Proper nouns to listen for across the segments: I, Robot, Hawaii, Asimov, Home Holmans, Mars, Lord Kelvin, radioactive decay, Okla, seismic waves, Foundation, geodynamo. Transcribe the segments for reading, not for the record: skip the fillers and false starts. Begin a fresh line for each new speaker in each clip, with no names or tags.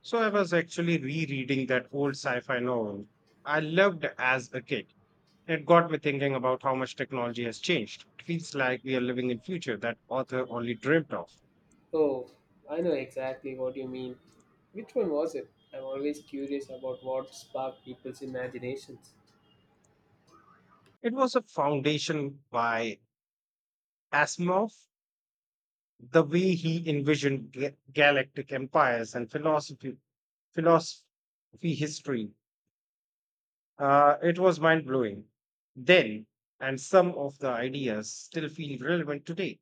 So I was actually rereading that old sci-fi novel I loved as a kid. It got me thinking about how much technology has changed. It feels like we are living in future that author only dreamt of.
Oh, I know exactly what you mean. Which one was it? I'm always curious about what sparked people's imaginations.
It was a foundation by Asimov, the way he envisioned galactic empires and philosophy, philosophy history. It was mind blowing then, and some of the ideas still feel relevant today,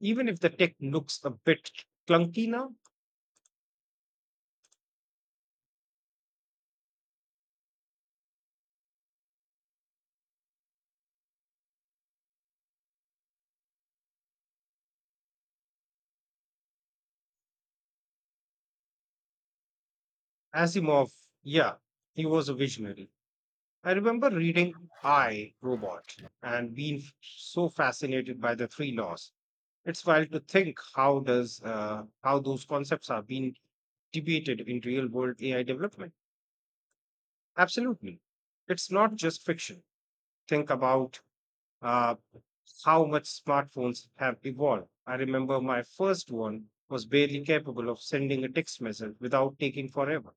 even if the tech looks a bit clunky now. Asimov, yeah, he was a visionary. I remember reading I, Robot and being so fascinated by the three laws. It's wild to think how those concepts are being debated in real world AI development. Absolutely. It's not just fiction. Think about uh, how much smartphones have evolved. I remember my first one was barely capable of sending a text message without taking forever.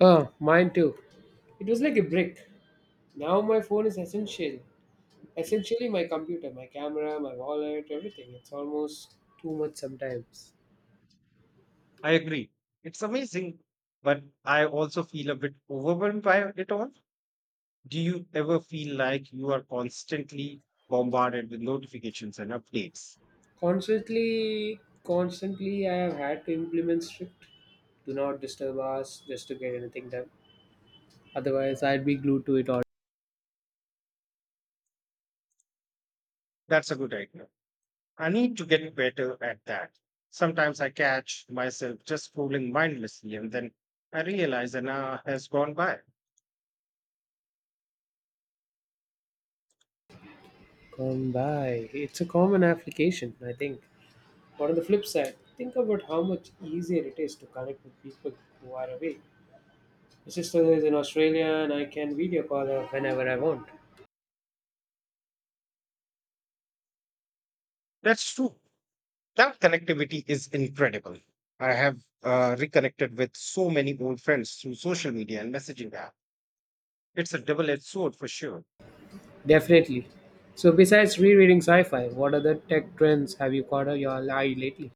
Oh, mine too. It was like a brick. Now my phone is essential. Essentially, my computer, my camera, my wallet, everything. It's almost too much sometimes.
I agree. It's amazing, but I also feel a bit overwhelmed by it all. Do you ever feel like you are constantly bombarded with notifications and updates?
Constantly, constantly, I have had to implement strict do not disturb us just to get anything done. Otherwise, I'd be glued to it all.
That's a good idea. I need to get better at that. Sometimes I catch myself just scrolling mindlessly and then I realize an hour has gone by.
Gone by. It's a common application, I think. But on the flip side, think about how much easier it is to connect with people who are away. My sister is in Australia and I can video call her whenever I want.
That's true. That connectivity is incredible. I have reconnected with so many old friends through social media and messaging app. It's a double edged sword for sure.
Definitely. So, besides rereading sci fi, what other tech trends have you caught your eye lately?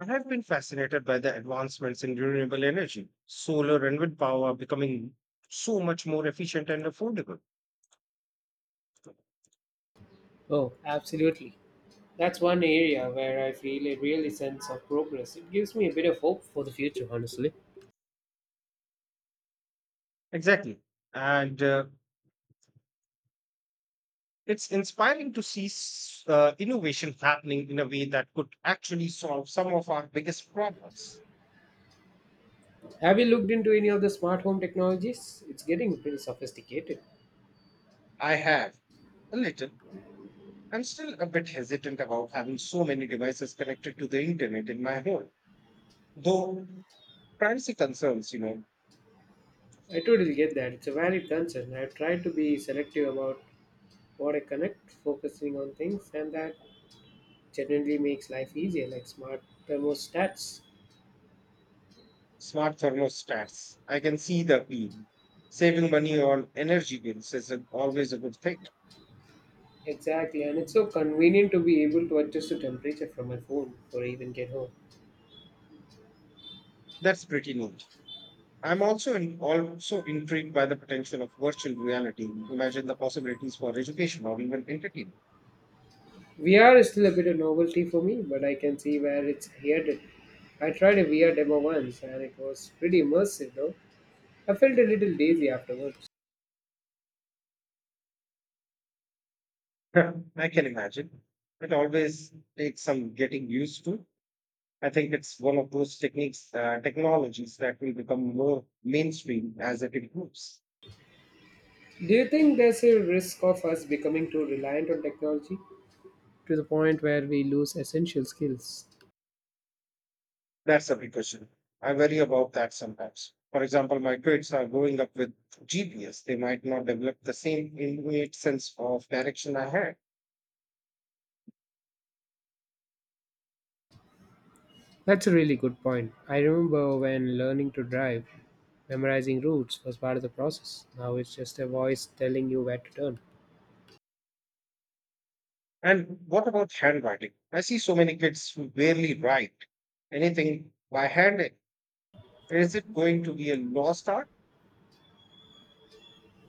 I have been fascinated by the advancements in renewable energy, solar and wind power becoming so much more efficient and affordable.
Oh, absolutely. That's one area where I feel a really sense of progress. It gives me a bit of hope for the future, honestly.
Exactly. And it's inspiring to see innovation happening in a way that could actually solve some of our biggest problems.
Have you looked into any of the smart home technologies? It's getting pretty sophisticated.
I have a little. I'm still a bit hesitant about having so many devices connected to the internet in my home, though privacy concerns, you know,
I totally get that. It's a valid concern. I've tried to be selective about what I connect, focusing on things, and that genuinely makes life easier, like smart thermostats.
smart thermostats. I can see the appeal. Saving money on energy bills is always a good thing.
Exactly, and it's so convenient to be able to adjust the temperature from my phone or even get home.
That's pretty neat. Also intrigued by the potential of virtual reality. Imagine the possibilities for education or even entertainment.
VR is still a bit of novelty for me, but I can see where it's headed. I tried a VR demo once and it was pretty immersive though. I felt a little lazy afterwards.
I can imagine. It always takes some getting used to. I think it's one of those technologies that will become more mainstream as it improves.
Do you think there's a risk of us becoming too reliant on technology to the point where we lose essential skills?
That's a big question. I worry about that sometimes. For example, my kids are growing up with GPS. They might not develop the same innate sense of direction I had.
That's a really good point. I remember when learning to drive, memorizing routes was part of the process. Now it's just a voice telling you where to turn.
And what about handwriting? I see so many kids who barely write anything by hand. Is it going to be a lost art?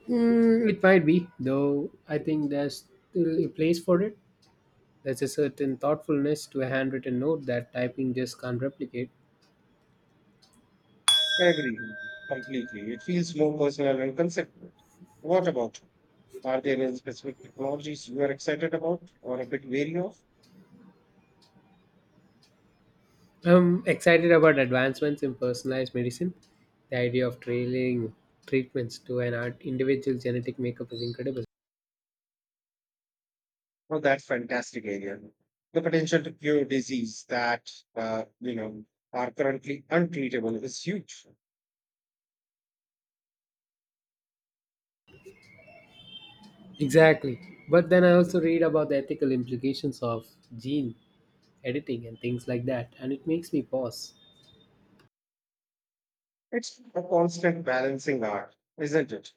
Mm, it might be, though I think there's still a place for it. There's a certain thoughtfulness to a handwritten note that typing just can't replicate.
I agree completely. It feels more personal and conceptual. What about you? Are there any specific technologies you are excited about or a bit wary of?
I'm excited about advancements in personalized medicine. The idea of trailing treatments to individual genetic makeup is incredible.
Oh, that's fantastic area. The potential to cure disease that are currently untreatable is huge.
Exactly. But then I also read about the ethical implications of gene editing and things like that and it makes me pause.
It's a constant balancing act, isn't it?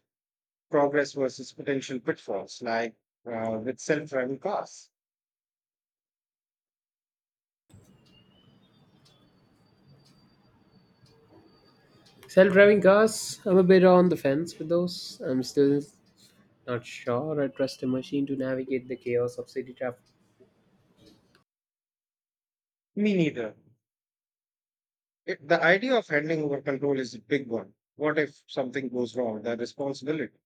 Progress versus potential pitfalls, like with self-driving cars.
Self-driving cars, I'm a bit on the fence with those. I'm still not sure I trust a machine to navigate the chaos of city traffic.
Me neither. It, the idea of handing over control is a big one. What if something goes wrong? The responsibility.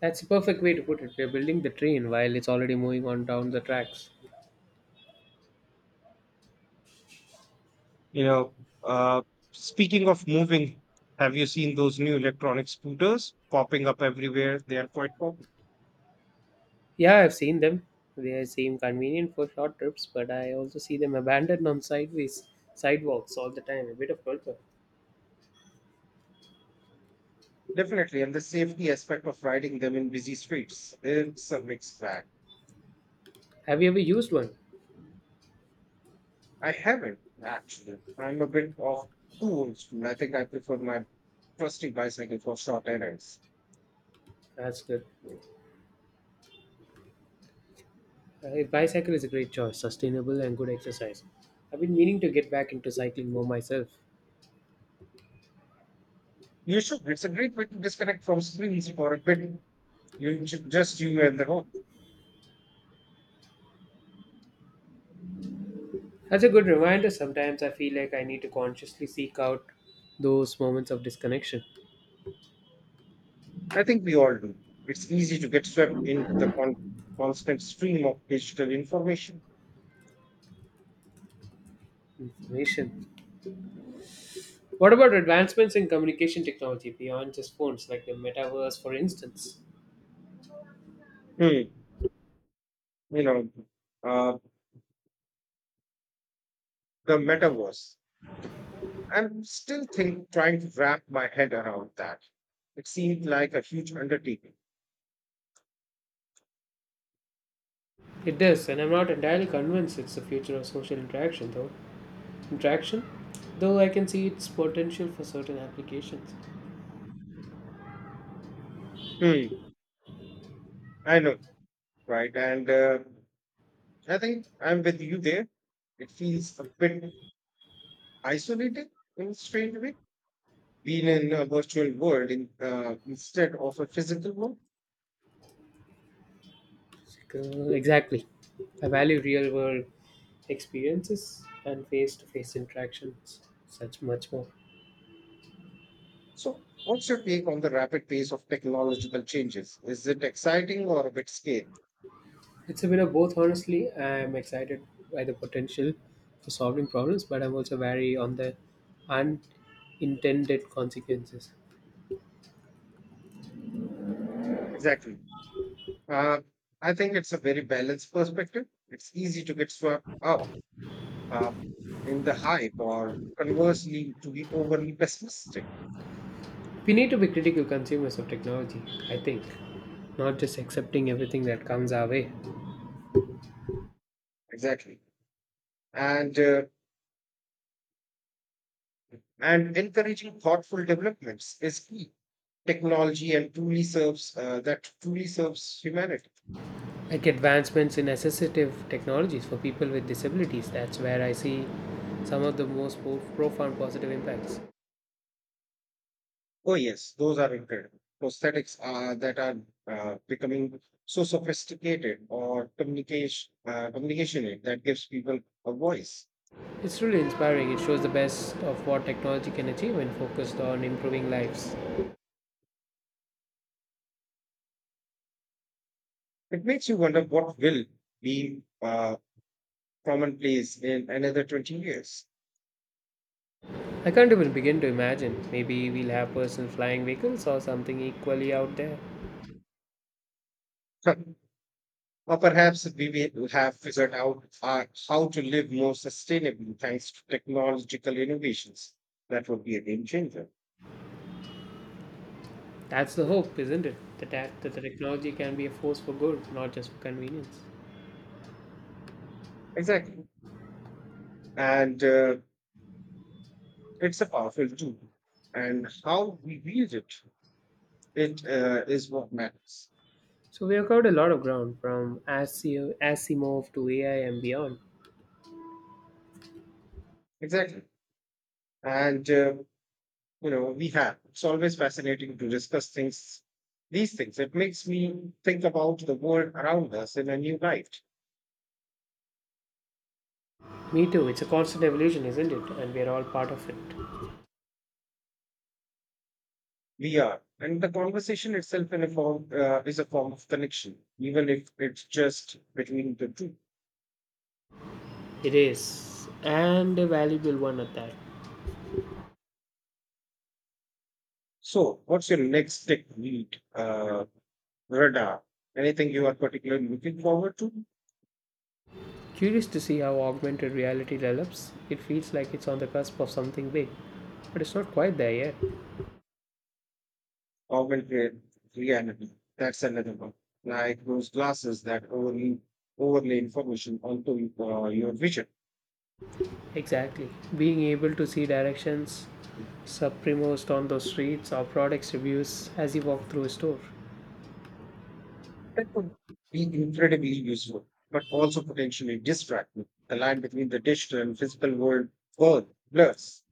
That's a perfect way to put it. We're building the train while it's already moving on down the tracks.
You know, uh, speaking of moving, have you seen those new electronic scooters popping up everywhere? They are quite popular.
Yeah, I've seen them. They seem convenient for short trips, but I also see them abandoned on sideways sidewalks all the time. A bit of culture.
Definitely, and the safety aspect of riding them in busy streets, it's a mixed bag.
Have you ever used one?
I haven't actually. I'm a bit of too old school. I think I prefer my trusty bicycle for short errands.
That's good. A bicycle is a great choice, sustainable and good exercise. I've been meaning to get back into cycling more myself.
You should. It's a great way to disconnect from screens for a bit. You should just you and the road.
That's a good reminder. Sometimes I feel like I need to consciously seek out those moments of disconnection.
I think we all do. It's easy to get swept into the constant stream of digital information.
Information. What about advancements in communication technology beyond just phones, like the metaverse, for instance?
Hmm. You know, uh, the metaverse. Trying to wrap my head around that. It seemed like a huge undertaking.
It does, and I'm not entirely convinced it's the future of social interaction, though. Interaction? Though I can see its potential for certain applications.
Hmm. I know, right? And I think I'm with you there. It feels a bit isolated in a strange way, being in a virtual world instead of a physical one.
Exactly. I value real world experiences and face to face interactions such much more.
So, what's your take on the rapid pace of technological changes? Is it exciting or a bit scary?
It's a bit of both, honestly. I'm excited by the potential for solving problems, but I'm also wary on the unintended consequences.
Exactly. Uh, I think it's a very balanced perspective. It's easy to get swept up uh, in the hype or conversely to be overly pessimistic.
We need to be critical consumers of technology, I think, not just accepting everything that comes our way.
Exactly, and uh, and encouraging thoughtful developments is key. Technology and truly serves that truly serves humanity.
Like advancements in assistive technologies for people with disabilities, that's where I see some of the most profound positive impacts.
Oh yes, those are incredible prosthetics. Are that are becoming so sophisticated or communication aid that gives people a voice.
It's really inspiring. It shows the best of what technology can achieve when focused on improving lives.
It makes you wonder what will be commonplace in another 20 years.
I can't even begin to imagine. Maybe we'll have personal flying vehicles or something equally out there.
Or perhaps we will have figured out how to live more sustainably thanks to technological innovations. That would be a game changer.
That's the hope, isn't it? That the technology can be a force for good, not just for convenience.
Exactly. And it's a powerful tool. And how we wield it, is what matters.
So we have covered a lot of ground, from asio Asimov to AI and beyond.
Exactly. And, uh, you know, we have. It's always fascinating to these things. It makes me think about the world around us in a new light.
Me too. It's a constant evolution, isn't it? And we're all part of it.
We are, and the conversation itself in a form is a form of connection, even if it's just between the two.
It is, and a valuable one at that.
So, what's your next radar? Anything you are particularly looking forward to?
Curious to see how augmented reality develops. It feels like it's on the cusp of something big, but it's not quite there yet.
Augmented reality. That's another one. Like those glasses that overlay information onto your vision.
Exactly. Being able to see directions, supremaced on those streets, or products reviews as you walk through a store.
That could be incredibly useful, but also potentially distracting. The line between the digital and physical world blurs.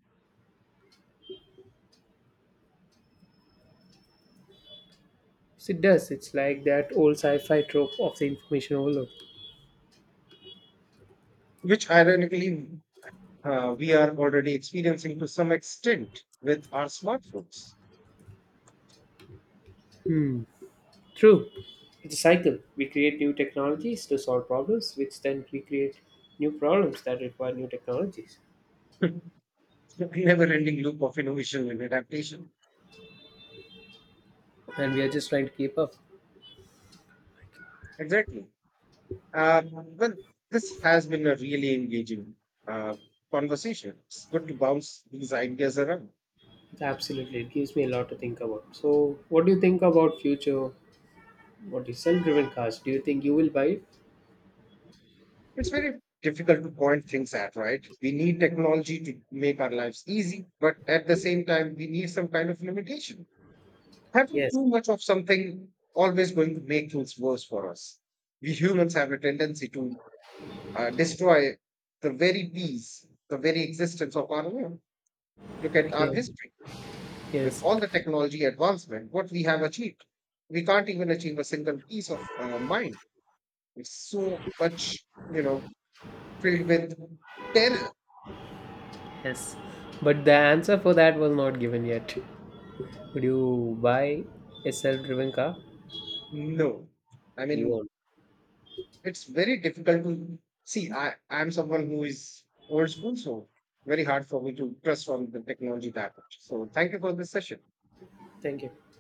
So it does. It's like that old sci fi trope of the information overload.
Which ironically we are already experiencing to some extent with our smartphones.
Hmm. True. It's a cycle. We create new technologies to solve problems, which then we create new problems that require new technologies.
Never ending loop of innovation and adaptation.
And we are just trying to keep up.
Exactly. Uh, well, this has been a really engaging uh, conversation. It's good to bounce these ideas around.
Absolutely. It gives me a lot to think about. So what do you think about future, what is self-driven cars? Do you think you will buy it?
It's very difficult to point things at, right? We need technology to make our lives easy, but at the same time, we need some kind of limitation. Having
Yes.
too much of something always going to make things worse for us. We humans have a tendency to destroy the very peace, the very existence of our world. Look at
Yeah.
our history. With
Yes.
all the technology advancement, what we have achieved, we can't even achieve a single peace of mind. It's so much, you know, filled with terror.
Yes. But the answer for that was not given yet. Would you buy a self-driven car?
No, I
You
mean
won't.
it's very difficult to see. I'm someone who is old school, so very hard for me to trust on the technology that much. So thank you for this session.
Thank you.